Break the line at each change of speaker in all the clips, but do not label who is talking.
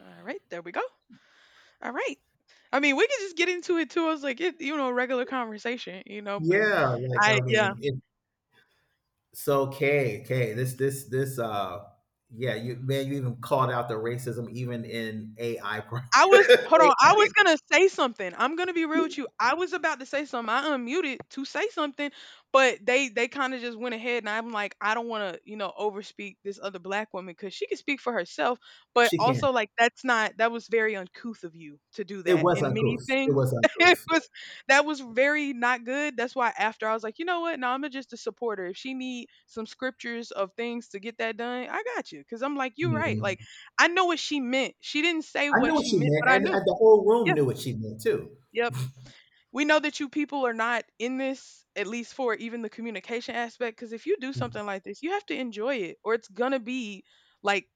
All right, there we go. All right. I mean, we could just get into it too. I was like, regular conversation, you know, but
Yeah, like
I,
I
yeah,
mean, it, so Kay, Kay, this, yeah, you man, you even called out the racism even in AI. Pro-
I was hold on. I was gonna say something. I'm gonna be real with you. I was about to say something. I unmuted to say something, but they kind of just went ahead, and I'm like, I don't want to, overspeak this other black woman because she can speak for herself. But
She can.
also, like, that's not that was very uncouth of you to do
It
that
was
in many
uncouth. It
things.
was
it
uncouth.
was that was very not good. That's why after I was like, you know what? No, I'm just a supporter. If she need some scriptures of things to get that done, I got you. Cause I'm like, you're right. Like
Mhm.
I know what she meant. She didn't say
I knew
what
what
she
she
meant,
meant,
but I
and,
knew.
and the whole room
Yeah,
knew what she meant too.
yep. We know that you people are not in this, at least for even the communication aspect, because if you do something like this, you have to enjoy it, or it's gonna be like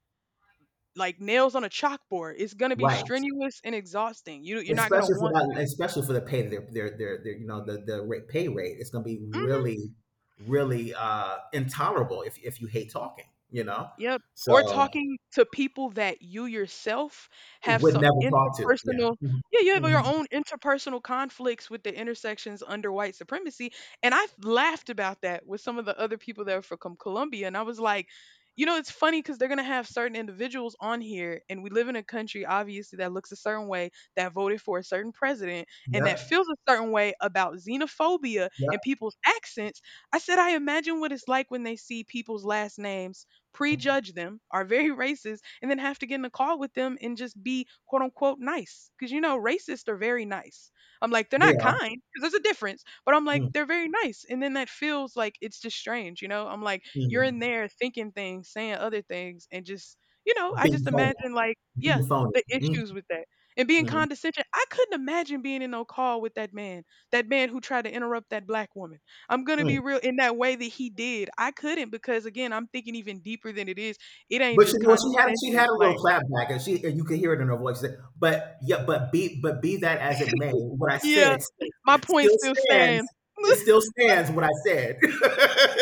like nails on a chalkboard. It's gonna be
Right.
strenuous and exhausting. You're not gonna
Especially for
want
that,
to.
especially for the pay, their the rate, pay rate, it's going to be
Mhm.
really intolerable if you hate talking.
Yep, or
So
talking to people that you yourself have
would
some
never talk to. Yeah.
interpersonal
Mhm.
yeah, you have your
Mhm.
own interpersonal conflicts with the intersections under white supremacy, and I laughed about that with some of the other people that are from Colombia, and I was like, you know, it's funny because they're gonna have certain individuals on here, and we live in a country obviously that looks a certain way, that voted for a certain president, and that
Yep.
feels a certain way about xenophobia and
Yep.
people's accents. I said, I imagine what it's like when they see people's last names prejudge them, are very racist, and then have to get in a call with them and just be quote unquote nice. Because you know, racists are very nice. I'm like, they're
They
not
are
kind because there's a difference, but I'm like,
mm-hmm.
they're very nice. And then that feels like it's just strange, you know? I'm like, you're
Mm-hmm.
in there thinking things, saying other things, and just, you know, I
being
just
phony,
imagine like, yeah,
being phony.
the issues
Mm-hmm.
with that and being
Mm-hmm.
condescension. I couldn't imagine being in no call with that man who tried to interrupt that black woman. I'm gonna be real in that way that he did. I couldn't because again, I'm thinking even deeper than it is. It ain't
But
just
she had she
condescension.
had a little
Like,
clapback, and she and you could hear it in her voice. But yeah, but be that as it may, what I
yeah,
said still,
my point
still
still
stands.
stands.
It still stands. What I said. Yeah,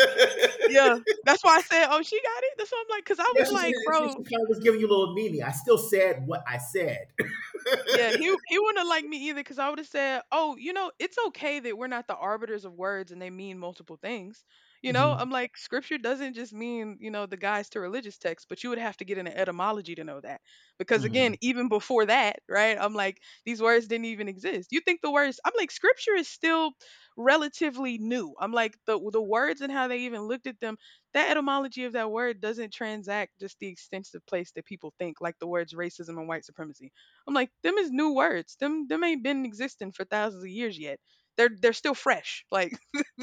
yeah, that's why I said, oh, she got it. That's why I'm like, because I
she,
was like,
she, she,
bro.
she kind of was giving you a little meanie. I still said what I said.
Yeah, he wouldn't have liked me either because I would have said, "Oh, you know, it's okay that we're not the arbiters of words and they mean multiple things." You know,
Mhm,
I'm like, scripture doesn't just mean you know the guys to religious texts, but you would have to get into etymology to know that because again,
mhm.
even before that, right? I'm like, these words didn't even exist. You think the words? I'm like, scripture is still relatively new. I'm like the words and how they even looked at them. That etymology of that word doesn't transact just the extensive place that people think, like the words racism and white supremacy. I'm like, them is new words. Them ain't been existing for thousands of years yet. They're still fresh. Like,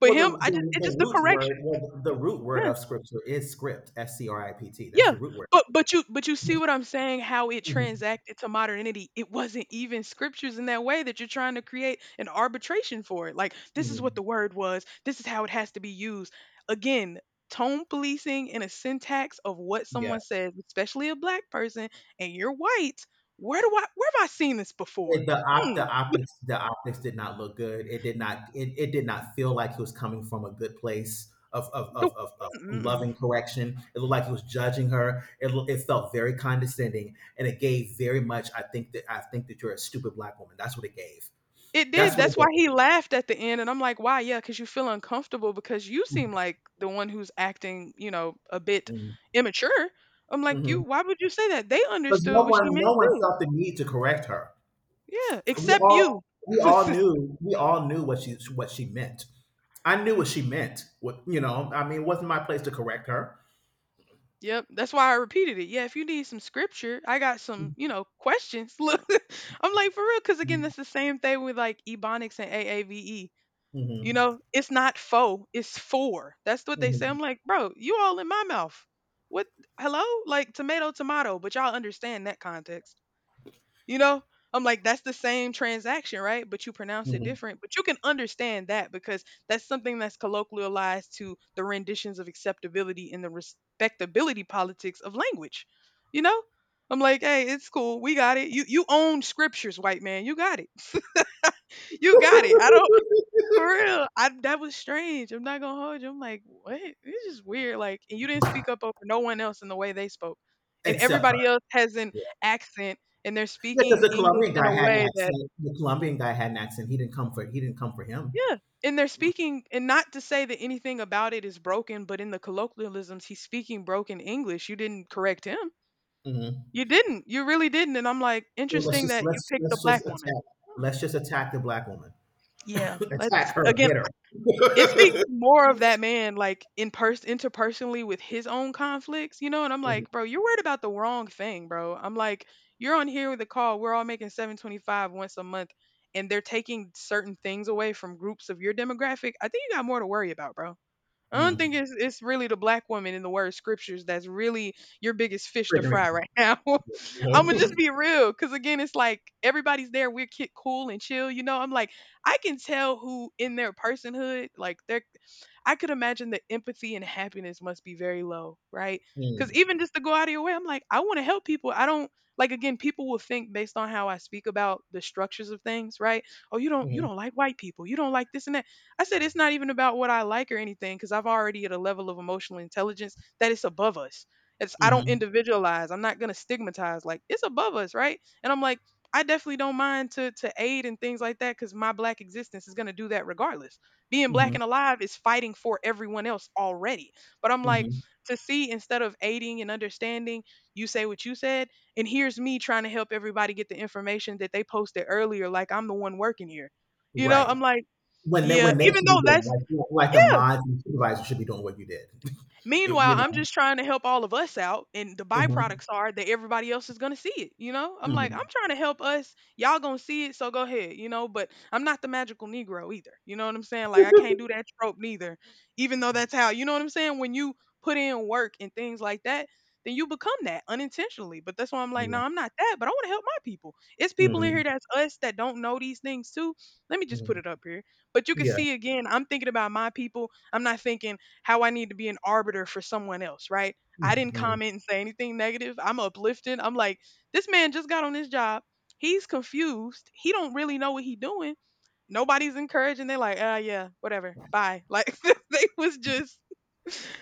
but
Well, the,
him, I just
the
it's
the
just the
root word,
correction.
well, the root word
Yeah,
of scripture is script. S C R I P T. That's the
yeah.
root word.
But you but you see
Mhm,
what I'm saying? How it
mhm,
transacted to modernity. It wasn't even scriptures in that way that you're trying to create an arbitration for it. Like this is what
mhm.
the word was. This is how it has to be used. Again, tone policing and a syntax of what
Yeah.
someone says, especially a black person, and you're white. Where do I where have I seen this before?
It the op
Hmm.
the optics did not look good. It did not feel like he was coming from a good place of of
The
of of, of
Mm-mm.
loving correction. It looked like he was judging her. It felt very condescending, and it gave very much. I think that you're a stupid black woman. That's what it gave.
It did.
That's what it
That's why
gave.
he laughed at the end, and I'm like, "Why? Yeah, because you feel uncomfortable because you seem like the one who's acting, you know, a bit
Mm-hmm.
immature." I'm like,
Mm-hmm.
"You? Why would you say that?" They
Because no
understood what
one
she
no
meant
one
too.
felt the need to correct her.
Yeah,
We
except you.
all we all knew we all knew what she meant. I knew what she meant. What it wasn't my place to correct her.
Yep, that's why I repeated it. Yeah, if you need some scripture, I got some, you know, questions. Look, I'm like for real, because again, that's the same thing with like ebonics and AAVE. You
Mhm,
know, it's not faux, it's four. That's what they say.
mhm,
I'm like, bro, you all in my mouth. What? Hello? Like tomato, tomato, but y'all understand that context. You know, I'm like, that's the same transaction, right? But you pronounce it
mhm.
different. But you can understand that because that's something that's colloquialized to the renditions of acceptability and the respectability politics of language. You know? I'm like, hey, it's cool. We got it. You own scriptures, white man. You got it. You got it. I don't for real, I that was strange. I'm not gonna hold you. I'm like, what? This is weird. Like, and you didn't speak up over no one else in the way they spoke, and
Except her.
everybody else has an
Yeah,
accent, and they're
because
speaking
the
English
Colombian
in
guy
a
had an
way that,
accent. The Colombian guy had an accent. He didn't come for him.
yeah, and they're speaking, and not to say that anything about it is broken, but in the colloquialisms, he's speaking broken English. You didn't correct him.
Mhm.
You didn't. You really didn't. And I'm like,
So let's
interesting
just
that you
let's
picked the
let's just
black woman.
attack
Hmm.
let's just attack the black woman.
Yeah, let's
Attack her.
again.
Get her.
It speaks more of that man, like, in person interpersonally with his own conflicts, you know? And I'm
Mhm,
like, "Bro, you're worried about the wrong thing, bro." I'm like, "You're on here with a call, we're all making 725 once a month, and they're taking certain things away from groups of your demographic. I think you got more to worry about, bro." I don't
mm.
think it's really the black woman in the word scriptures that's really your biggest fish to
Triggering.
fry right now. I'm gonna just
Mhm.
be real, because again, it's like everybody's there. Cool and chill, you know. I'm like, I can tell who in their personhood, like their I could imagine the empathy and happiness must be very low, right? Because
Mm,
even just to go out of your way, I'm like, I want to help people. I don't like again, people will think based on how I speak about the structures of things, right? Oh, you
mhm,
don't like white people, you don't like this and that. I said it's not even about what I like or anything, because I've already at a level of emotional intelligence that it's above us. It's I don't
mhm,
individualize. I'm not gonna stigmatize. Like it's above us, right? And I'm like, I definitely don't mind to aid and things like that because my black existence is gonna do that regardless being black
mhm,
and alive is fighting for everyone else already. But I'm like,
mhm.
to see instead of aiding and understanding, you say what you said, and here's me trying to help everybody get the information that they posted earlier, like I'm the one working here. You know,
Right.
I'm like,
When they
yeah,
when they
even
should be
though
doing
that's
like like the
yeah.
mods and supervisors should be doing what you did. You
Meanwhile, I'm
know.
just trying to help all of us out, and the
Mhm,
byproducts are that everybody else is gonna see it. You know, I'm like, I'm
mhm.
trying to help us. Y'all gonna see it, so go ahead. You know, but I'm not the magical Negro either. You know what I'm saying? Like, I can't do that trope neither, even though that's how. You know what I'm saying? When you put in work and things like that, then you become that unintentionally. But that's why I'm like,
Yeah.
no, I'm not that. But I want to help my people. It's people in
Mhm,
here that's us that don't know these things too. Let me just put
mhm.
it up here. But you can
Yeah.
see again, I'm thinking about my people. I'm not thinking how I need to be an arbiter for someone else, right? I didn't
Mhm.
comment and say anything negative. I'm uplifting. I'm like, this man just got on his job. He's confused. He don't really know what he doing. Nobody's encouraging. They're like, ah, yeah, whatever. Bye. Like they was just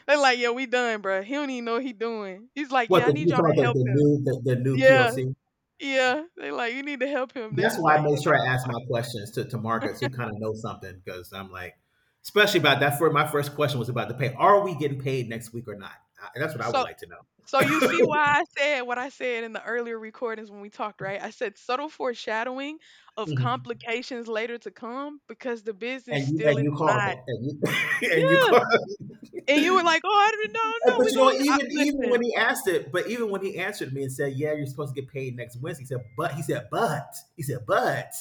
they're like, yeah, we done, bro. He don't even know what he doing. He's like,
What
yeah, I
the you
need y'all
talking
to
about
help him.
the new
Yeah,
POC?
yeah. They like, you need to help him. They
That's
just
why I
like, yeah,
make sure
nah.
I ask my questions to markets who kind of know something because I'm like, especially about that. For my first question was about the pay. Are we getting paid next week or not? That's what I would
So
like to know.
So you see why I said what I said in the earlier recordings when we talked, right? I said subtle foreshadowing of
Mhm.
complications later to come because the business
And you
still
and
is
you called
not.
it and you
Yeah.
and you called.
And you were like, oh, I didn't know.
Uh,
No,
But
we're
you know,
going
even
to. I,
when he asked it, but even when he answered me and said, "Yeah, you're supposed to get paid next Wednesday," he said, "But."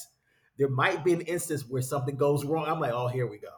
There might be an instance where something goes wrong. I'm like, oh, here we go.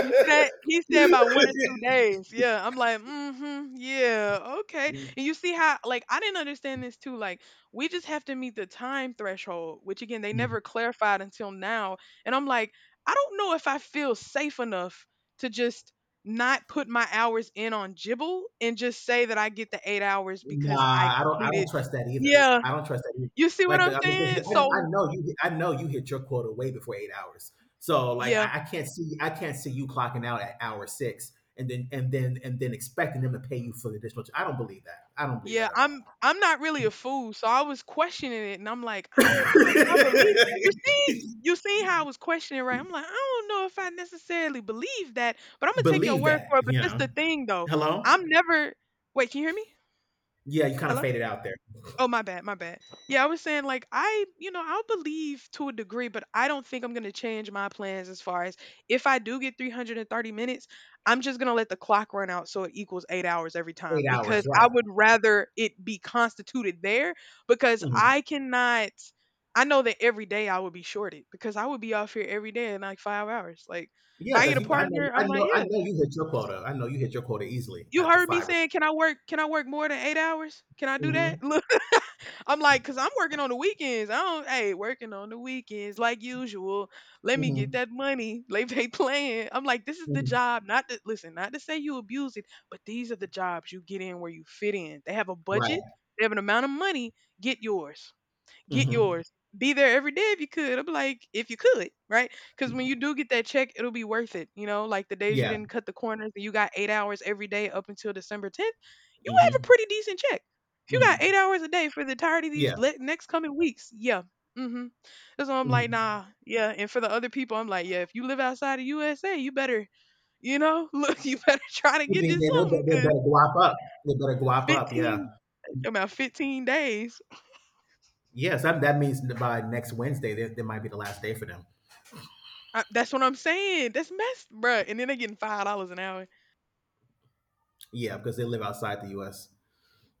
he said about 1 or 2 days. Yeah, I'm like, "Mhm, yeah, okay." And you see how, like, I didn't understand this too, like, we just have to meet the time threshold, which again, they
Mm.
never clarified until now, and I'm like, "I don't know if I feel safe enough to just not put my hours in on Jibble and just say that I get the 8 hours because I
Nah, I don't
completed."
trust that either.
Yeah,
I don't trust that. Either.
you see what
Like,
I'm
I mean, because
saying?
I,
So
I know you. I know you hit your quota way before 8 hours. So, like,
yeah.
I can't see. I can't see you clocking out at hour six and then expecting them to pay you for the additional. I don't believe that. I don't believe that
Yeah,
at
I'm
all.
I'm not really a fool, so I was questioning it, and I'm like, I don't know if I believe. You see how I was questioning, right? I'm like, I don't know if I necessarily believe that, but I'm gonna take your
Believe
word
that,
for it. But
you
this
know.
the thing, though.
Hello?
I'm never. Wait, can you hear me?
Yeah, you kind of
Hello.
faded out there.
Oh, my bad, my bad. Yeah, I was saying like I, you know, I'll believe to a degree, but I don't think I'm gonna change my plans as far as if I do get 330 minutes, I'm just gonna let the clock run out so it equals 8 hours every time
Eight
because
hours,
I
right?
would rather it be constituted there because
Hmm.
I cannot. I know that every day I would be shorted because I would be off here every day in like 5 hours. Like if
Yeah,
I get
because
a
you,
partner, I'm like,
I
yeah,
know you hit your quota. I know you hit your quota easily
you
at the
heard me
five or
saying,
6.
can I work? Can I work more than 8 hours? Can I do
Mm-hmm,
that? I'm like, cause I'm working on the weekends. I don't, hey, working on the weekends like usual. Let me get
mm-hmm,
that money. Like they playing. I'm like, this is the
mm-hmm.
job. Not to listen, not to say you abuse it, but these are the jobs you get in where you fit in. They have a budget.
Right.
They have an amount of money. Get yours, get
Mm-hmm.
yours. Be there every day if you could. I'm like, if you could, right? Because when you do get that check, it'll be worth it. You know, like the days you
Yeah.
didn't cut the corners and you got 8 hours every day up until December 10th, you have a
Mm-hmm.
pretty decent check. If you got eight
Mm-hmm.
hours a day for the entirety of
Yeah.
these le- next coming weeks, yeah. Mm-hmm. That's why I'm like,
Mm-hmm.
nah, yeah. And for the other people, I'm like, yeah, if you live outside of USA, you better, you know, look, you better try to
You
get
mean
you something
they
because
better go up, up. They better go up, up. Yeah.
15, about 15 days.
Yes, that means that by next Wednesday, that might be the last day for them.
I, that's what I'm saying. That's messed, bruh. And then they getting $5 an hour.
Yeah, because they live outside the U.S.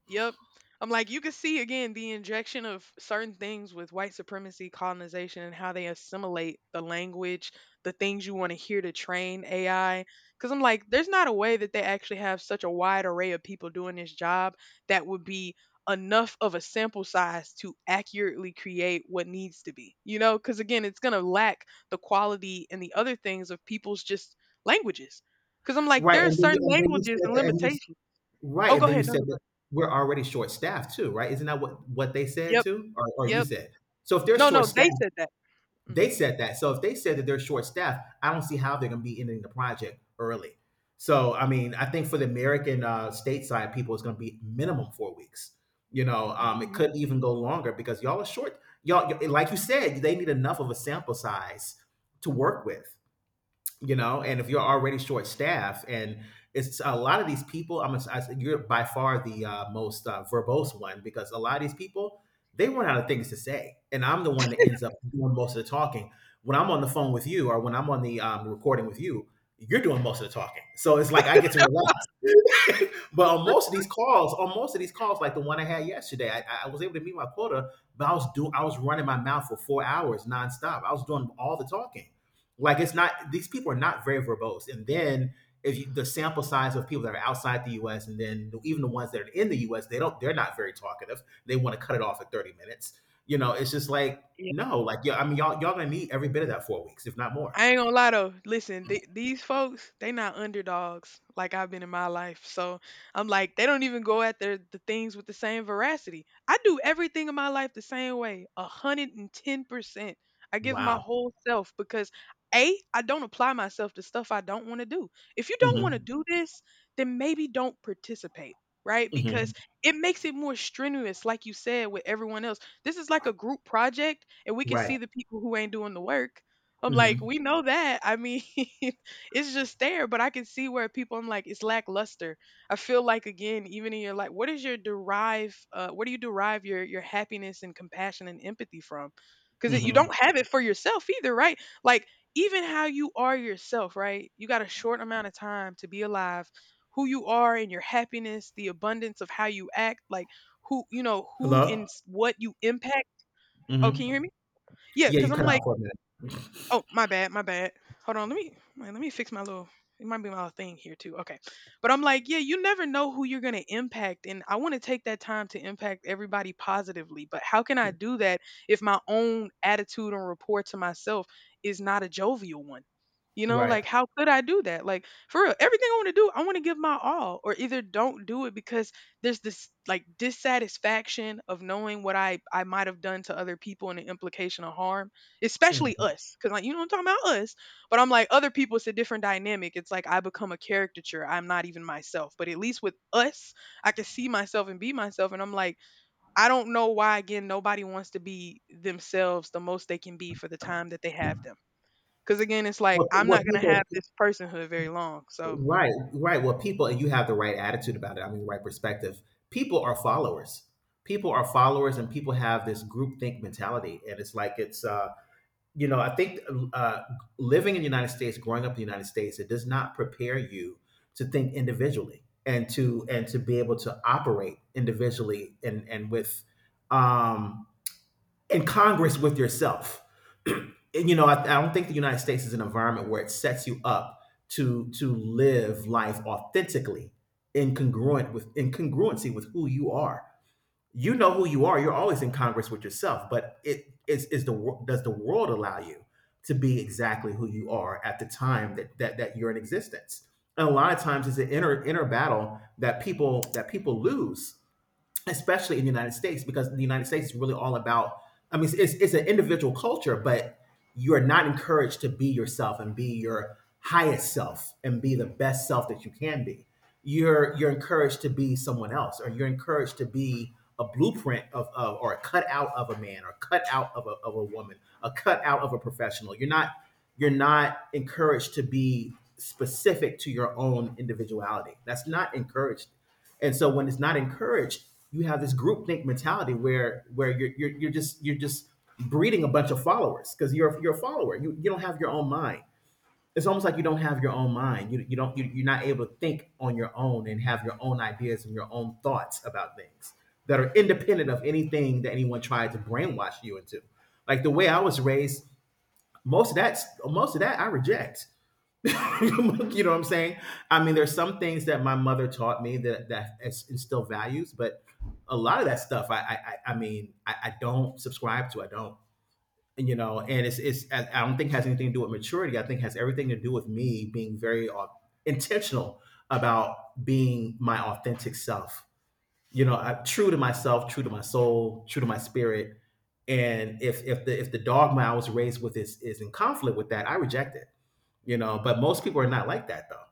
Yep. I'm like, you can see again the injection of certain things with white supremacy, colonization, and how they assimilate the language, the things you want to hear to train AI. Because I'm like, there's not a way that they actually have such a wide array of people doing this job that would be enough of a sample size to accurately create what needs to be, you know? Because again, it's going to lack the quality and the other things of people's just languages. Because I'm like,
Right,
there are certain
and then you said
languages and
that, and you
limitations.
Right,
Oh,
and
go
then you
ahead. No,
said
no, go ahead.
that we're already short-staffed too, right? Isn't that what they said
Yep.
too, or you
Yep.
said? So if they're
No, no,
short-staffed,
they said that.
they
Mhm.
said that. So if they said that they're short-staffed, I don't see how they're going to be ending the project early. So I mean, I think for the American stateside people, it's going to be minimum 4 weeks. You know, it
Mhm.
could even go longer because y'all are short. Like you said, they need enough of a sample size to work with. You know, and if you're already short staffed and it's a lot of these people, I'm gonna- I, am going you are by far the most verbose one because a lot of these people, they run out of things to say, and I'm the one that ends up doing most of the talking when I'm on the phone with you or when I'm on the recording with you. You're doing most of the talking, so it's like I get to relax. But on most of these calls, like the one I had yesterday, I was able to meet my quota, but I was running my mouth for 4 hours nonstop. I was doing all the talking. Like it's not These people are not very verbose. And then if you, the sample size of people that are outside the U.S. and then even the ones that are in the U.S., they're not very talkative. They want to cut it off at 30 minutes. You know, it's just like no, like yeah. I mean, y'all gonna need every bit of that 4 weeks, if not more.
I ain't gonna lie though. Listen, th- these folks, they not underdogs like I've been in my life. So I'm like, they don't even go at their the things with the same veracity. I do everything in my life the same way, 110%. I give my
Wow.
whole self because a I don't apply myself to stuff I don't want to do. If you don't want to
Hmm.
do this, then maybe don't participate. Right, because
Hmm.
it makes it more strenuous, like you said, with everyone else. This is like a group project, and we can
Right.
see the people who ain't doing the work. I'm like,
Hmm.
we know that. I mean, it's just there, but I can see where people, I'm like, it's lackluster. I feel like, again, even in your life, what is your derive, what do you derive your happiness and compassion and empathy from? Because you
Hmm.
don't have it for yourself either, right? Like, even how you are yourself, right? You got a short amount of time to be alive. Who you are and your happiness, the abundance of how you act, like who, you know, who and
Hello.
s- what you impact. Oh, can you
Hmm.
hear me? Yeah,
Yeah,
because
you
I'm
cut out
like,
for a minute.
oh, my bad, my bad. Hold on, let me wait, let me fix my little. It might be my little thing here too. Okay, but I'm like, yeah, you never know who you're gonna impact, and I want to take that time to impact everybody positively. But how can I do that if my own attitude and rapport to myself is not a jovial one? You know,
Right.
like how could I do that? Like for real, everything I want to do, I want to give my all, or either don't do it because there's this like dissatisfaction of knowing what I might have done to other people and the implication of harm, especially
Mm-hmm.
us, because, like, you know, I'm talking about us, but I'm like, other people, it's a different dynamic. It's like I become a caricature. I'm not even myself, but at least with us I can see myself and be myself. And I'm like, I don't know why, again, nobody wants to be themselves the most they can be for the time that they have them, because again it's like
Well, pe-
I'm
well,
not going to have
people,
this personhood very long. So
right. Well, people, and you have the right attitude about it. I mean, right perspective. People are followers. People are followers, and people have this groupthink mentality. And it's like I think uh, living in the United States, growing up in the United States, it does not prepare you to think individually and to be able to operate individually and with um, in Congress with yourself. And, you know, I don't think the United States is an environment where it sets you up to live life authentically, incongruent with incongruency with who you are. You know who you are. You're always in Congress with yourself, but it is the does the world allow you to be exactly who you are at the time that that you're in existence? And a lot of times, it's an inner battle that people lose, especially in the United States, because the United States is really all about. I mean, it's an individual culture, but you are not encouraged to be yourself and be your highest self and be the best self that you can be. You're encouraged to be someone else, or you're encouraged to be a blueprint of, or a cutout of a man, or cut out of of a woman, a cut out of a professional. You're not encouraged to be specific to your own individuality. That's not encouraged, and so when it's not encouraged, you have this groupthink mentality where you're just breeding a bunch of followers because you're a follower. You don't have your own mind. It's almost like you don't have your own mind. You don't you, You're not able to think on your own and have your own ideas and your own thoughts about things that are independent of anything that anyone tried to brainwash you into. Like the way I was raised, most of that most of that I reject. You know what I'm saying? I mean, there's some things that my mother taught me that is instill values, but a lot of that stuff, I don't subscribe to. I don't, and, you know, and it's I don't think it has anything to do with maturity. I think it has everything to do with me being very intentional about being my authentic self. You know, true to myself, true to my soul, true to my spirit. And if the dogma I was raised with is in conflict with that, I reject it. You know, but most people are not like that though.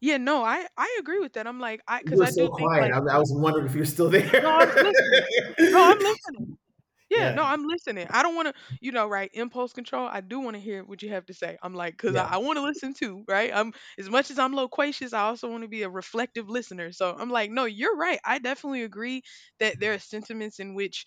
yeah, no, I I agree with that. I'm like, I,
You
because
were
I
so
do think
quiet.
like
I
the,
was wondering if you're still there.
no, I was listening. No, I'm listening. Yeah, no,
Yeah,
I'm listening. I don't want to, you know, right? Impulse control. I do want to hear what you have to say. I'm like, because
yeah.
I want to listen too, right? I'm as much as I'm loquacious, I also want to be a reflective listener. So I'm like, no, you're right. I definitely agree that there are sentiments in which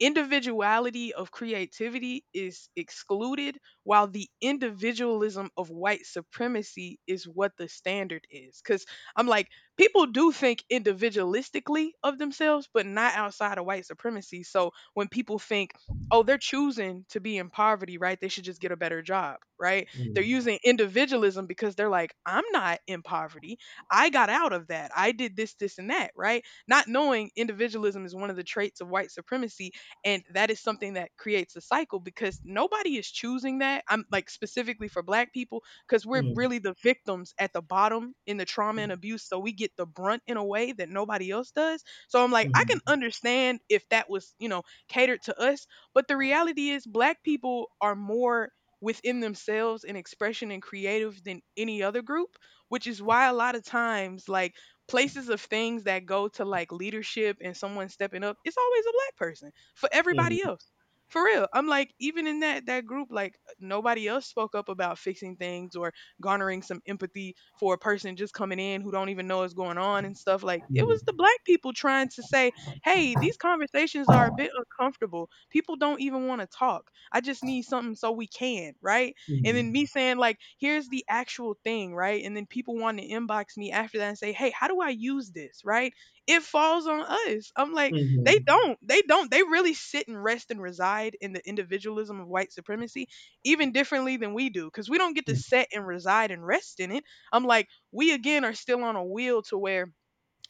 individuality of creativity is excluded while the individualism of white supremacy is what the standard is, cuz I'm like, people do think individualistically of themselves but not outside of white supremacy. So when people think, oh, they're choosing to be in poverty, right, they should just get a better job, right, they're
Mm,
using individualism because they're like, I'm not in poverty, I got out of that, I did this, this, and that, right, not knowing individualism is one of the traits of white supremacy. And that is something that creates a cycle because nobody is choosing that. I'm like, specifically for black people, because we're
mm,
really the victims at the bottom in the trauma and abuse. So we get the brunt in a way that nobody else does. So I'm like, I can
mhm,
understand if that was, you know, catered to us. But the reality is, black people are more within themselves in expression and creative than any other group, which is why a lot of times, like, places of things that go to like leadership and someone stepping up, it's always a black person for everybody else. For real. I'm like, even in that that group, like nobody else spoke up about fixing things or garnering some empathy for a person just coming in who don't even know what's going on and stuff. Like it
mhm,
was the black people trying to say, hey, these conversations are a bit uncomfortable. People don't even want to talk. I just need something so we can, right? And then me
mhm,
saying, like, here's the actual thing, right? And then people want to inbox me after that and say, hey, how do I use this, right? It falls on us. I'm like,
mhm,
they
mhm,
don't. They don't. They really sit and rest and reside in the individualism of white supremacy, even differently than we do, because we don't get to
mm,
set and reside and rest in it. I'm like, we again are still on a wheel to where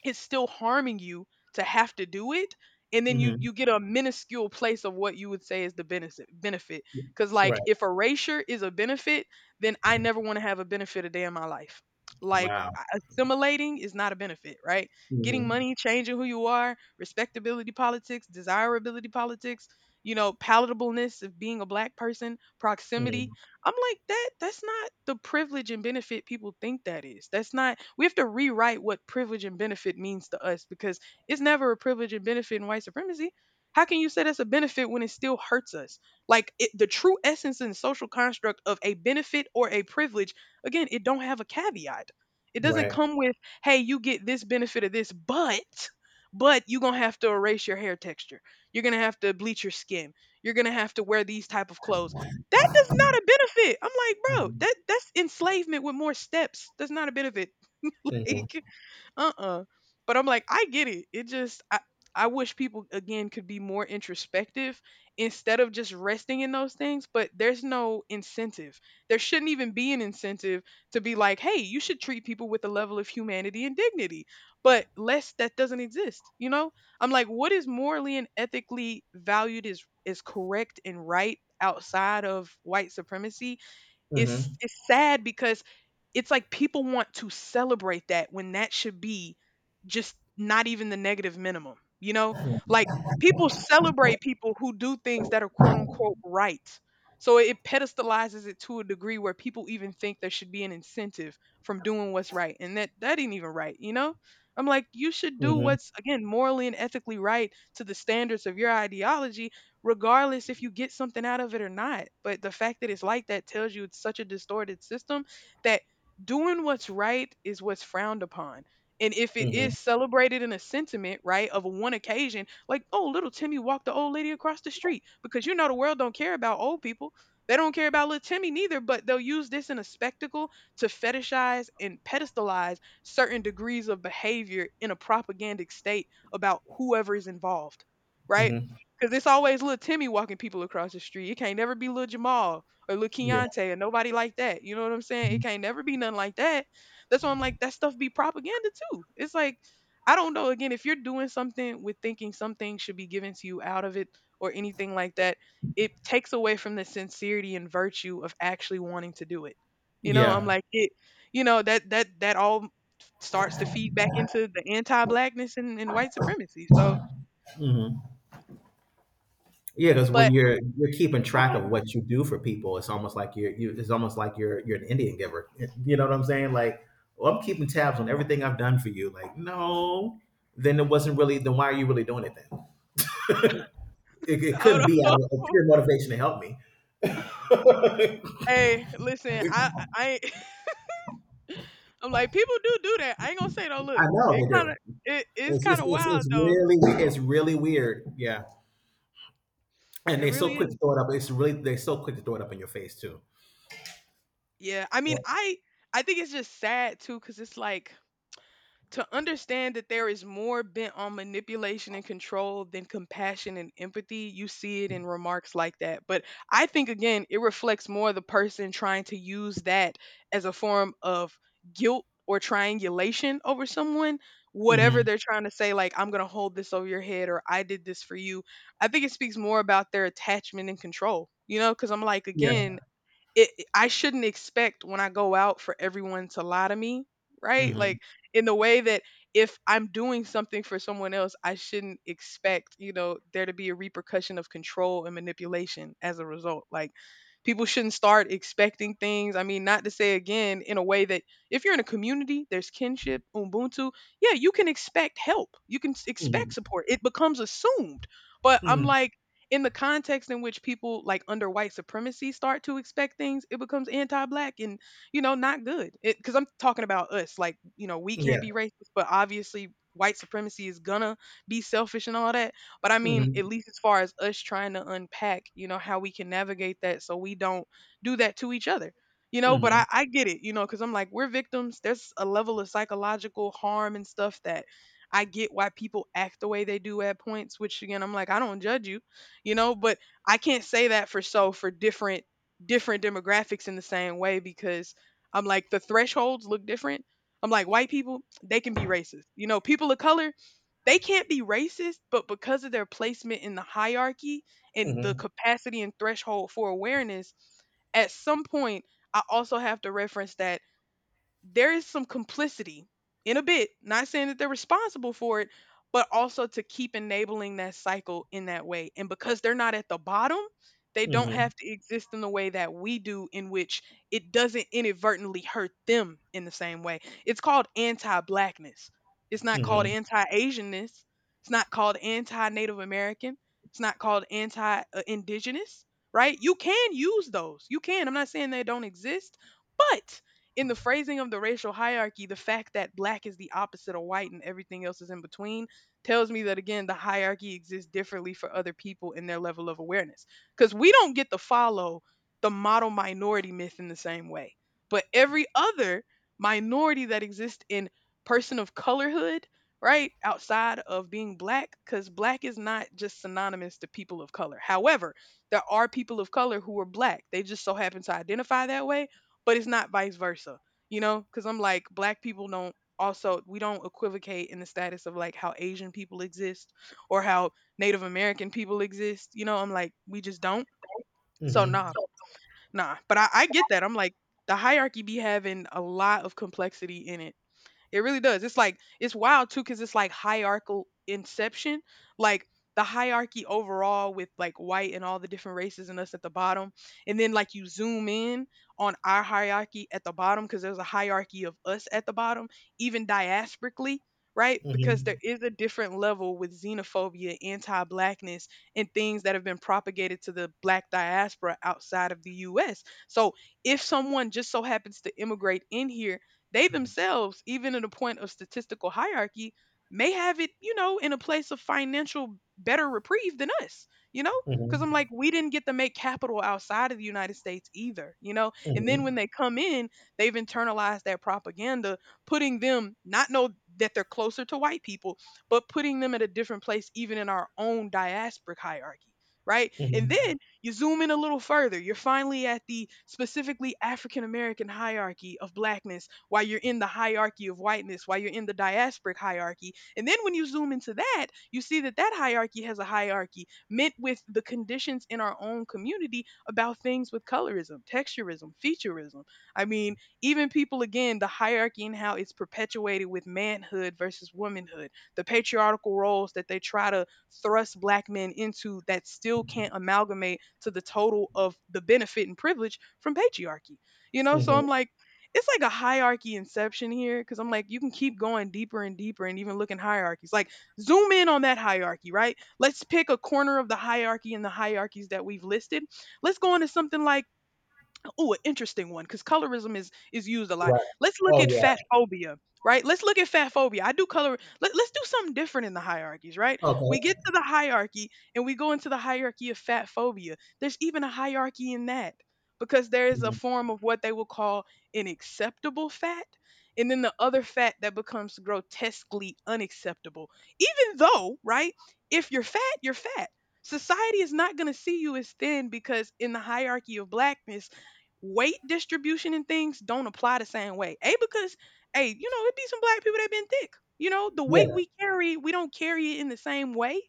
it's still harming you to have to do it, and then you
mhm.
you get a minuscule place of what you would say is the benefit, benefit, because like
Right.
if erasure is a benefit, then I never want to have a benefit a day in my life. Like,
Wow.
a- assimilating is not a benefit, right? Getting
Mhm,
money, changing who you are, respectability politics, desirability politics, you know, palatableness of being a black person, proximity.
mhm.
I'm like, that that's not the privilege and benefit people think that is. That's not, we have to rewrite what privilege and benefit means to us, because it's never a privilege and benefit in white supremacy. How can you say that's a benefit when it still hurts us? Like it, the true essence and social construct of a benefit or a privilege, again, it don't have a caveat. It doesn't
Right.
come with, hey, you get this benefit of this, but you're gonna have to erase your hair texture. You're gonna have to bleach your skin. You're gonna have to wear these type of clothes that does not a benefit. I'm like, bro,
Mhm,
that's enslavement with more steps. That's not a benefit.
mhm,
like uh-uh. But I'm like I get it it just I wish people again could be more introspective instead of just resting in those things, but there's no incentive. There shouldn't even be an incentive to be like, hey, you should treat people with a level of humanity and dignity, but less that doesn't exist, I'm like what is morally and ethically valued is correct and right outside of white supremacy. it's
mhm,
it's sad because it's like people want to celebrate that when that should be just not even the negative minimum, you know? Like people celebrate people who do things that are quote unquote right. So it pedestalizes it to a degree where people even think there should be an incentive from doing what's right. And that ain't even right, you know? I'm like, you should do
mhm,
what's again morally and ethically right to the standards of your ideology, regardless if you get something out of it or not. But the fact that it's like that tells you it's such a distorted system that doing what's right is what's frowned upon. And if it
mhm,
is celebrated in a sentiment, right, of one occasion, like, oh, little Timmy walked the old lady across the street, because you know the world don't care about old people. They don't care about little Timmy neither, but they'll use this in a spectacle to fetishize and pedestalize certain degrees of behavior in a propagandic state about whoever is involved, right?
mhm.
Cause it's always little Timmy walking people across the street. It can't never be little Jamal or little
Yeah.
Keontae or nobody like that. You know what I'm saying? It
Mhm.
can't never be nothing like that. That's why I'm like that stuff be propaganda too. It's like I don't know. Again, if you're doing something with thinking something should be given to you out of it or anything like that, it takes away from the sincerity and virtue of actually wanting to do it. You know, I'm
Yeah.
like it. You know that all starts to feed back into the anti-blackness and white supremacy. So,
Mhm. Yeah, because when
but
you're keeping track of
okay.
what you do for people, it's almost like you're an Indian giver. You know what I'm saying? Like, well, I'm keeping tabs on everything I've done for you. Like, no, then it wasn't really. Then why are you really doing it then? It
Hold
couldn't be out of
on.
pure motivation to help me.
Hey, listen, I ain't- I'm like people do do that. I ain't gonna say no.
I
Look,
know
it
they
kind of
do.
it is
It's
kind
it's,
of
it's
wild
it's
though.
really we- it's really weird. Yeah, and
It
they're so
really
quick
is.
to throw it up. It's really they're so quick to throw it up in your face too.
Yeah, I mean, I think it's just sad too, cause it's like to understand that there is more bent on manipulation and control than compassion and empathy, you see it in remarks like that. But I think, again, it reflects more the person trying to use that as a form of guilt or triangulation over someone, whatever
Mm-hmm.
they're trying to say, like, I'm going to hold this over your head or I did this for you. I think it speaks more about their attachment and control, you know, because I'm like,
Yeah.
again, I shouldn't expect when I go out for everyone to lie to me, right?
Mm-hmm.
Like in the way that if I'm doing something for someone else, I shouldn't expect, you know, there to be a repercussion of control and manipulation as a result. Like people shouldn't start expecting things. I mean, not to say again in a way that if you're in a community, there's kinship, ubuntu, yeah, you can expect help. You can s-
Mm-hmm.
expect support. It becomes assumed. But
Mm-hmm.
I'm
Mm-hmm.
like in the context in which people like under white supremacy start to expect things, it becomes anti-black and you know not good. Because I'm talking about us, like you know we can't
Yeah.
be racist, but obviously white supremacy is gonna be selfish and all that. But I mean, at
Mm-hmm.
least as far as us trying to unpack, you know how we can navigate that so we don't do that to each other. You know, but
Mm-hmm.
I get it, you know, because I'm like, we're victims. There's a level of psychological harm and stuff that I get why people act the way they do at points, which again, I'm like, I don't judge you, you know, but I can't say that for so for different demographics in the same way, because I'm like the thresholds look different. I'm like white people they can be racist, you know, people of color they can't be racist, but because of their placement in the hierarchy and the
Mm-hmm.
capacity and threshold for awareness at some point I also have to reference that there is some complicity in a bit, not saying that they're responsible for it, but also to keep enabling that cycle in that way. And because they're not at the bottom, they don't
Mm-hmm.
have to exist in the way that we do, in which it doesn't inadvertently hurt them in the same way. It's called anti blackness. It's not called
Mhm,
anti Asianness. It's not called anti Native American. It's not called anti indigenous, right? You can use those. You can. I'm not saying they don't exist, but in the phrasing of the racial hierarchy, the fact that black is the opposite of white and everything else is in between tells me that again the hierarchy exists differently for other people in their level of awareness. Because we don't get to follow the model minority myth in the same way. But every other minority that exists in person of colorhood, right, outside of being black, because black is not just synonymous to people of color. However, there are people of color who are black. They just so happen to identify that way, but it's not vice versa, you know? Because I'm like, black people don't also, we don't equivocate in the status of like how Asian people exist or how Native American people exist, you know? I'm like, we just don't. So,
mhm,
nah, nah. But I get that. I'm like, the hierarchy be having a lot of complexity in it, it really does. It's like it's wild too because it's like hierarchical inception. Like the hierarchy overall with like white and all the different races and us at the bottom. And then like you zoom in on our hierarchy at the bottom because there's a hierarchy of us at the bottom, even diasporically, right? Because there
mhm,
is a different level with xenophobia, anti blackness, and things that have been propagated to the black diaspora outside of the US. So if someone just so happens to immigrate in here, they themselves, even in a point of statistical hierarchy, may have it, you know, in a place of financial better reprieve than us, you know? Because I'm
mhm,
like, we didn't get to make capital outside of the United States either, you know? And then when
mhm,
they come in, they've internalized that propaganda, putting them, not know that they're closer to white people, but putting them at a different place, even in our own diasporic hierarchy. Right. And
mhm,
then you zoom in a little further. You're finally at the specifically African American hierarchy of blackness, why you're in the hierarchy of whiteness, why you're in the diasporic hierarchy. And then when you zoom into that, you see that that hierarchy has a hierarchy meant with the conditions in our own community about things with colorism, texturism, featureism. I mean, even people, again, the hierarchy and how it's perpetuated with manhood versus womanhood, the patriarchal roles that they try to thrust black men into that still can't amalgamate to the total of the benefit and privilege from patriarchy. You know, so
mhm.
I'm like, it's like a hierarchy inception here because I'm like, you can keep going deeper and deeper and even looking hierarchies. Like, zoom in on that hierarchy, right? Let's pick a corner of the hierarchy and the hierarchies that we've listed. Let's go into something like ooh, an interesting one because colorism is used a lot.
Right.
Let's look
Oh,
at fat
yeah.
phobia, right? Let's look at fat phobia. I do color. Let's do something different in the hierarchies, right? We
Okay.
get to the hierarchy and we go into the hierarchy of fat phobia. There's even a hierarchy in that because there is a
Mhm.
form of what they will call an acceptable fat, and then the other fat that becomes grotesquely unacceptable. Even though, right? If you're fat, you're fat. Society is not going to see you as thin because in the hierarchy of blackness weight distribution and things don't apply the same way. A because hey, you know, it be some black people that been thick. You know, the weight
Yeah.
we carry, we don't carry it in the same way,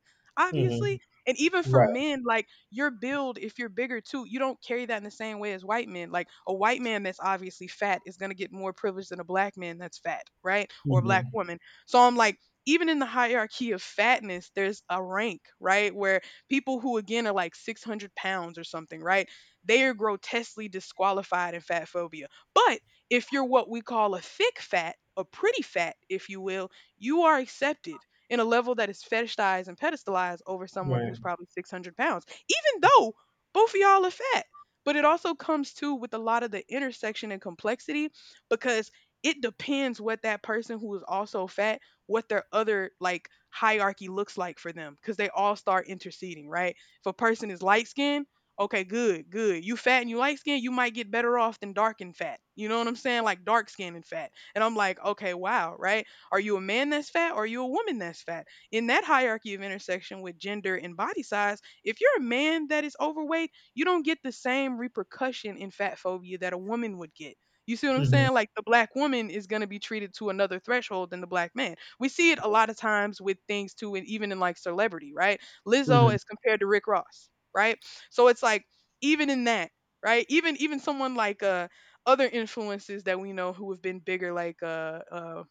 Mhm.
obviously. And even for
Right.
men, like your build, if you're bigger too, you don't carry that in the same way as white men. Like a white man that's obviously fat is gonna get more privilege than a black man that's fat, right? Or a black
Mhm.
woman. So I'm like, even in the hierarchy of fatness, there's a rank, right? Where people who again are like 600 pounds or something, right? They are grotesquely disqualified in fat phobia. But if you're what we call a thick fat, a pretty fat, if you will, you are accepted in a level that is fetishized and pedestalized over someone
Right.
who's probably 600 pounds, even though both of y'all are fat. But it also comes too with a lot of the intersection and complexity because it depends what that person who is also fat, what their other like hierarchy looks like for them because they all start interceding, right? If a person is light skinned, okay, good, good. You fat and you light skin, you might get better off than dark and fat. You know what I'm saying? Like dark skin and fat. And I'm like, okay, wow, right? Are you a man that's fat or are you a woman that's fat? In that hierarchy of intersection with gender and body size, if you're a man that is overweight, you don't get the same repercussion in fat phobia that a woman would get. You see what I'm
Mhm.
saying? Like the black woman is going to be treated to another threshold than the black man. We see it a lot of times with things too, and even in like celebrity, right? Lizzo
Mhm.
as compared to Rick Ross, right? So it's like even in that, right? Even someone like other influences that we know who have been bigger, like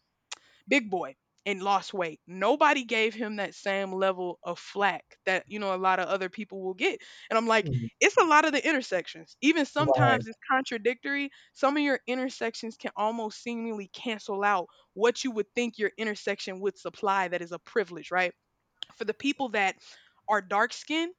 Big Boy and lost weight. Nobody gave him that same level of flack that you know a lot of other people will get. And I'm like,
Mhm.
it's a lot of the intersections. Even sometimes
Right.
it's contradictory. Some of your intersections can almost seemingly cancel out what you would think your intersection would supply that is a privilege, right? For the people that are dark skinned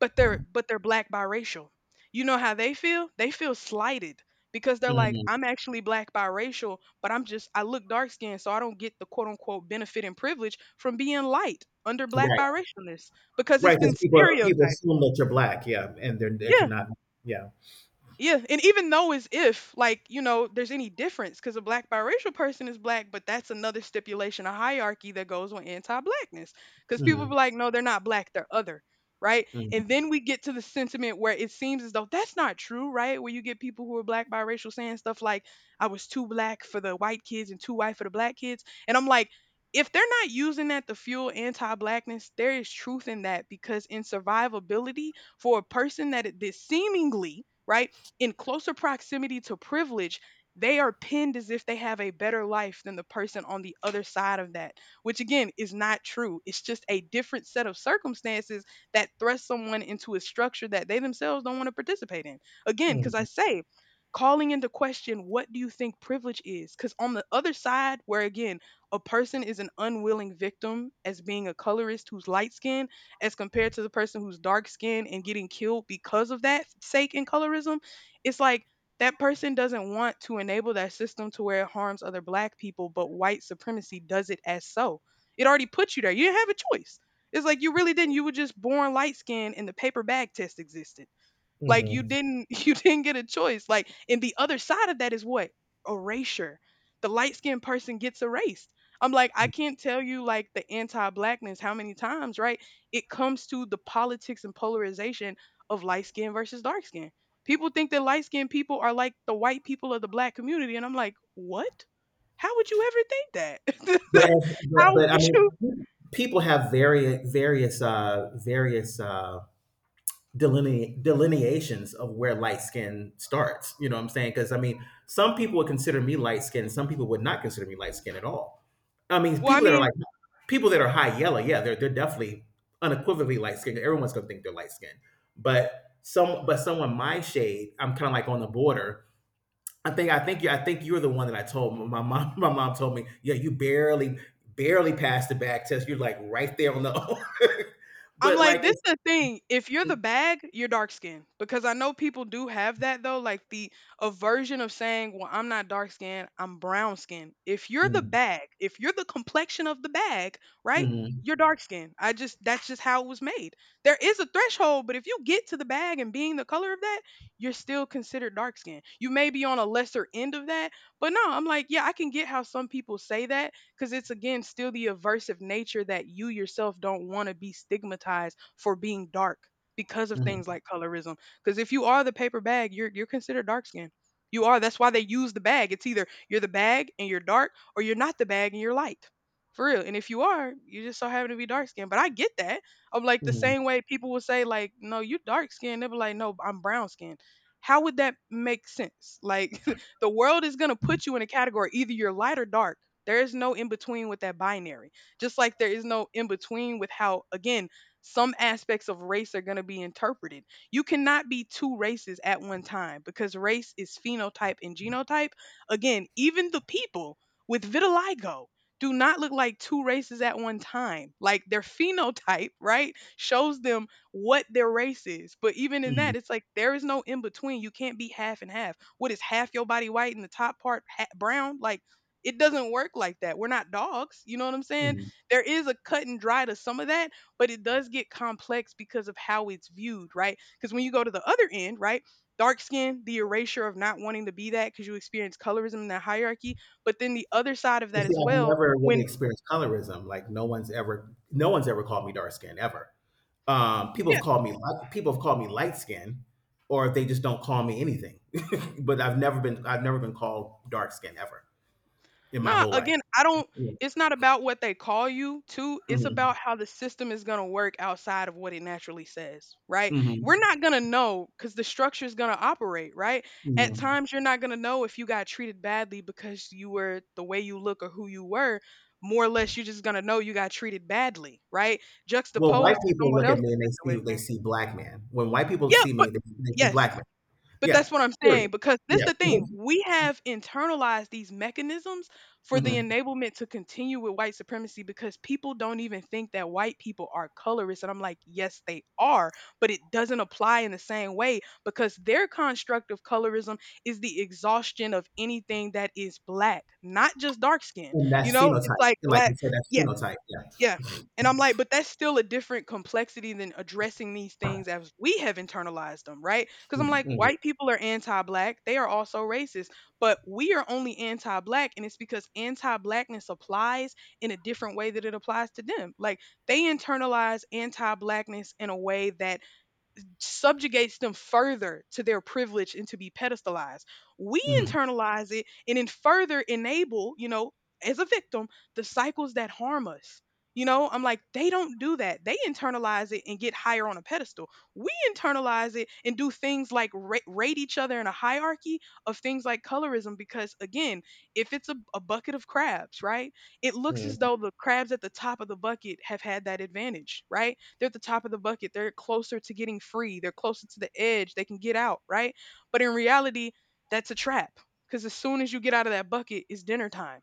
but they're black biracial. You know how they feel? They feel slighted because they're like,
Mhm.
I'm actually black biracial, but I look dark skinned, so I don't get the quote unquote benefit and privilege from being light under black
Right.
biracialness because
Right.
it's been
Because people
stereotyped.
people assume that you're black, yeah, and that you're
Yeah,
not. Yeah.
yeah, and even though as if like you know there's any difference because a black biracial person is black, but that's another stipulation, a hierarchy that goes with anti-blackness. Because people
Mhm.
be like, no, they're not black, they're other, right? And
Mhm.
then we get to the sentiment where it seems as though that's not true, right? Where you get people who are black biracial saying stuff like, I was too black for the white kids and too white for the black kids, and I'm like. If they're not using that to fuel anti blackness, there is truth in that because in survivability, for a person that, that seemingly, right, in closer proximity to privilege, they are pinned as if they have a better life than the person on the other side of that, which again is not true. It's just a different set of circumstances that thrust someone into a structure that they themselves don't want to participate in. Again, because I
Mhm.
say, calling into question what do you think privilege is? Because on the other side, where again, a person is an unwilling victim as being a colorist who's light skinned as compared to the person who's dark skinned and getting killed because of that sake in colorism, it's like that person doesn't want to enable that system to where it harms other black people, but white supremacy does it as so. It already put you there. You didn't have a choice. It's like you really didn't. You were just born light skinned and the paper bag test existed. Like you
Mhm.
didn't you didn't get a choice. Like and the other side of that is what? Erasure. The light-skinned person gets erased. I'm like, I can't tell you like the anti-blackness how many times, right? It comes to the politics and polarization of light skin versus dark skin. People think that light skinned people are like the white people of the black community. And I'm like, what? How would you ever think
But
that?
as,
How
but I
would you?
mean, people have delineations of where light skin starts. You know what I'm saying? Because I mean, some people would consider me light skinned, some people would not consider me light skinned at all. I mean,
Well, I mean,
people that are high yellow, yeah, they're definitely unequivocally light skinned. Everyone's gonna think they're light skinned. But someone my shade, I'm kind of like on the border. I think you're the one that I told my mom my mom told me, yeah, you barely passed the back test. You're like right there on the
I'm
but
like,
like
this
it's.
is the thing. If you're the bag, you're dark skinned. Because I know people do have that though, like the aversion of saying, well, I'm not dark skinned, I'm brown skinned. If you're the
Mhm,
bag, if you're the complexion of the bag, right?
mhm,
You're dark skinned. I just that's just how it was made. There is a threshold, but if you get to the bag and being the color of that, you're still considered dark skinned. You may be on a lesser end of that, but no, I'm like, yeah, I can get how some people say that because it's again still the aversive nature that you yourself don't want to be stigmatized for being dark because of
mhm.
things like colorism. Because if you are the paper bag, you're considered dark skinned. You are. That's why they use the bag. It's either you're the bag and you're dark, or you're not the bag and you're light. For real. And if you are, you just so happen to be dark skinned. But I get that. I'm like the
Mm,
same way people will say, like, no, you dark skinned. They be like, no, I'm brown skinned. How would that make sense? Like the world is gonna put you in a category, either you're light or dark. There is no in between with that binary. Just like there is no in between with how, again, some aspects of race are going to be interpreted. You cannot be two races at one time because race is phenotype and genotype. Again, even the people with vitiligo do not look like two races at one time. Like their phenotype, right, shows them what their race is. But even in
mm,
that, it's like there is no in between. You can't be half and half. What is half your body white and the top part brown? Like, it doesn't work like that. We're not dogs. You know what I'm saying?
mm.
There is a cut and dry to some of that, but it does get complex because of how it's viewed, right? Because when you go to the other end, right? Dark skin, the erasure of not wanting to be that because you experience colorism in that hierarchy. But then the other side of
You
that
see,
as
I've
well,
never really
when
experienced colorism. Like no one's ever called me dark skinned ever. People have called me light skin, or they just don't call me anything. But I've never been called dark skin ever in my
nah,
whole life.
again, I don't
Yeah.
it's not about what they call you to, it's
Mm-hmm.
about how the system is going to work outside of what it naturally says, right? We're
Mm-hmm.
not going to know cuz the structure is going to operate, right?
Yeah.
At times you're not going to know if you got treated badly because you were the way you look or who you were. More or less you're just going to know you got treated badly, right?
Well, white
Juxtaposed to
people
someone
look at
else's
me and they see they
situation.
see black man. When white people
Yeah,
see
but
me, they see
yes,
black man.
but
Yeah.
that's what I'm saying
Period.
because this
Yeah.
the thing, we have internalized these mechanisms for the
Hmm.
enablement to continue with white supremacy because people don't even think that white people are colorist and I'm like, "Yes, they are," but it doesn't apply in the same way because their construct of colorism is the exhaustion of anything that is black, not just dark skin,
And
you
that's
know? It's
phenotype.
like
Like you
black
said, that's phenotype. Yeah.
yeah. And I'm like, but that's still a different complexity than addressing these things as we have internalized them, right? Because I'm
Mm,
like,
mm.
white people are anti black. They are also racist, but we are only anti black. And it's because anti blackness applies in a different way that it applies to them. Like, they internalize anti blackness in a way that subjugates them further to their privilege and to be pedestalized. We
Mhm,
internalize it and then further enable, you know, as a victim, the cycles that harm us. You know, I'm like, they don't do that. They internalize it and get higher on a pedestal. We internalize it and do things like rate each other in a hierarchy of things like colorism because, again, if it's a bucket of crabs, right? It looks as though
mhm,
the crabs at the top of the bucket have had that advantage, right? They're at the top of the bucket. They're closer to getting free. They're closer to the edge. They can get out, right? But in reality, that's a trap because as soon as you get out of that bucket, it's dinner time.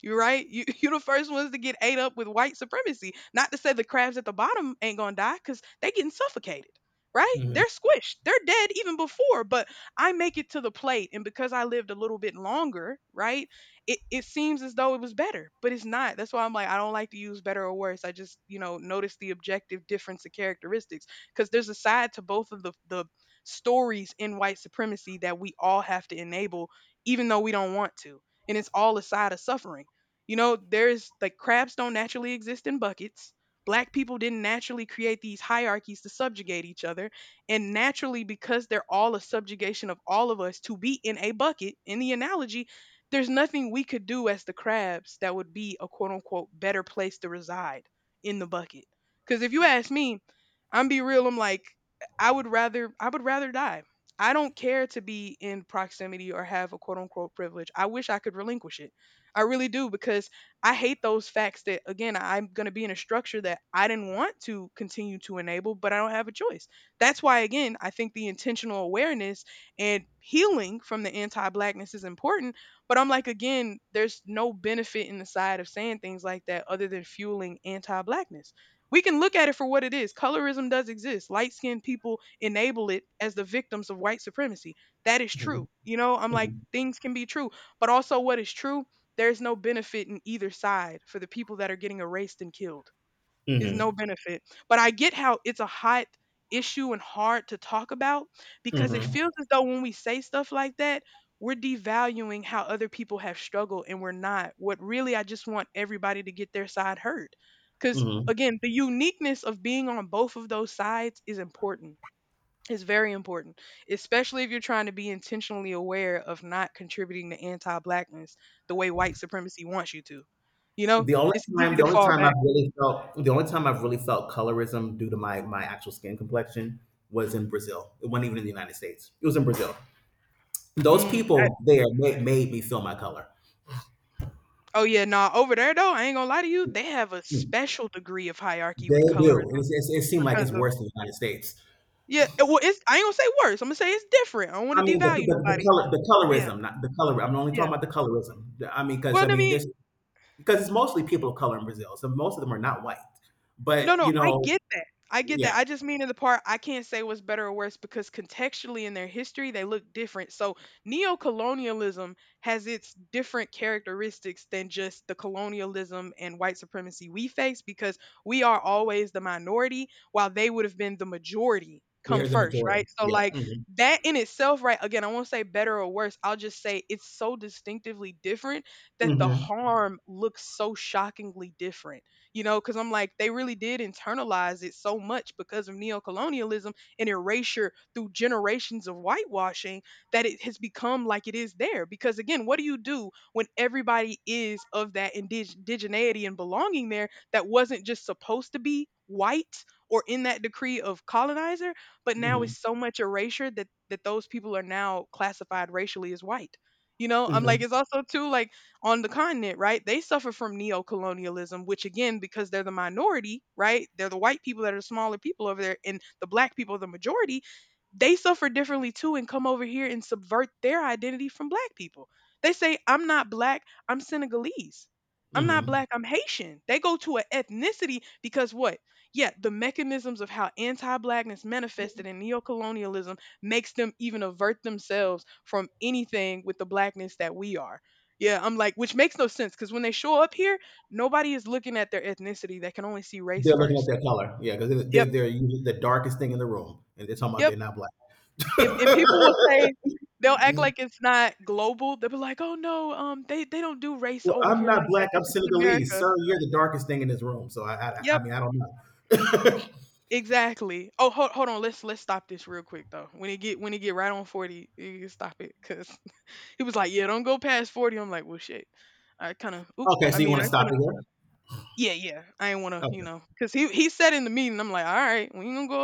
You're right. You, you're the first ones to get ate up with white supremacy. Not to say the crabs at the bottom ain't going to die because they getting suffocated, right?
mhm,
They're squished. They're dead even before, but I make it to the plate. And because I lived a little bit longer, right? It seems as though it was better, but it's not. That's why I'm like, I don't like to use better or worse. I just, you know, notice the objective difference of characteristics because there's a side to both of the stories in white supremacy that we all have to enable, even though we don't want to. And it's all a side of suffering. You know, there's like crabs don't naturally exist in buckets. Black people didn't naturally create these hierarchies to subjugate each other. And naturally, because they're all a subjugation of all of us to be in a bucket, in the analogy, there's nothing we could do as the crabs that would be a quote unquote better place to reside in the bucket. Because if you ask me, I'm be real. I'm like, I would rather die. I don't care to be in proximity or have a quote unquote privilege. I wish I could relinquish it. I really do because I hate those facts that again I'm going to be in a structure that I didn't want to continue to enable, but I don't have a choice. That's why again I think the intentional awareness and healing from the anti-blackness is important, but I'm like, again, there's no benefit in the side of saying things like that other than fueling anti blackness. We can look at it for what it is. Colorism does exist. Light skinned people enable it as the victims of white supremacy. That is
mhm,
true. You know, I'm like,
mhm,
things can be true. But also, what is true, there's no benefit in either side for the people that are getting erased and killed. Is no
mhm,
benefit, but I get how it's a hot issue and hard to talk about because it
mhm,
feels as though when we say stuff like that, we're devaluing how other people have struggled, and we're not. What really I just want everybody to get their side heard. Cuz
mhm.
again, the uniqueness of being on both of those sides is important. It's very important, especially if you're trying to be intentionally aware of not contributing to anti-blackness the way white supremacy wants you to. You know,
The only
it's easy
time
to fall back.
I've really felt colorism due to my actual skin complexion was in Brazil. It wasn't even in the United States. It was in Brazil. Those
Mm.
people there made me feel my color.
Oh yeah, nah. Over there though, I ain't gonna lie to you, they have a special degree of hierarchy with
They
colorism
do. It seemed like
because
it's
of
worse in the United States.
yeah. Well, it's, I ain't gonna say worse. I'm gonna say it's different. I don't
I
want to
mean, the,
devalue
the, the
nobody.
color, the
Yeah,
colorism, not the color. I'm only
yeah.
talking about the colorism. I mean, because
Well,
I
I
mean,
mean,
there's because it's mostly people of color in Brazil, so most of them are not white.
no,
But
no,
you
I
know,
get that. I get that.
yeah,
I just mean in the part I can't say what's better or worse because contextually in their history they look different. So neocolonialism has its different characteristics than just the colonialism and white supremacy we face because we are always the minority while they would have been the majority
They're
come
the
first, right?
majority.
So
Yeah.
like
Mhm.
that in itself, right? Again, I won't say better or worse. I'll just say it's so distinctively different that the
Mhm.
harm looks so shockingly different. You know, because I'm like, they really did internalize it so much because of neocolonialism and erasure through generations of whitewashing that it has become like it is there. Because again, what do you do when everybody is of that indigeneity and belonging there that wasn't just supposed to be white or in that decree of colonizer, but now it's
Mhm.
so much erasure that those people are now classified racially as white. You know, I'm like,
Mhm.
it's also too like on the continent, right? They suffer from neo-colonialism, which again, because they're the minority, right? They're the white people that are the smaller people over there, and the black people are the majority. They suffer differently too, and come over here and subvert their identity from black people. They say, "I'm not black. I'm Senegalese. I'm not
Mhm.
black. I'm Haitian." They go to an ethnicity because what? Yeah, the mechanisms of how anti-blackness manifested in neo-colonialism makes them even avert themselves from anything with the blackness that we are. Yeah, I'm like, which makes no sense because when they show up here, nobody is looking at their ethnicity. They can only see race
They're looking at
first.
their color. Yeah, 'cause they're they're
Yep,
they're usually the darkest thing in the room, and they're talking about
yep.
they're not black.
And people will say they'll act
Mm,
like it's not global. They'll be like, oh no, they don't do race
"Well,
over
I'm
here
not
like that.
black, I'm
That's just in
Senegalese."
America.
"Sir, you're the darkest thing in this room." So I
Yep,
mean, I don't know.
exactly. Oh, hold on. Let's stop this real quick though. When it get right on 40, you can stop it because he was like, yeah, don't go past 40. I'm like, well, shit. I kind of, oop.
Okay, so
I
you
mean,
wanna
I
stop
kind of
it there?
yeah, yeah. I ain't want to, you
Okay.
know, because he said in the meeting, I'm like, all right, we ain't gonna go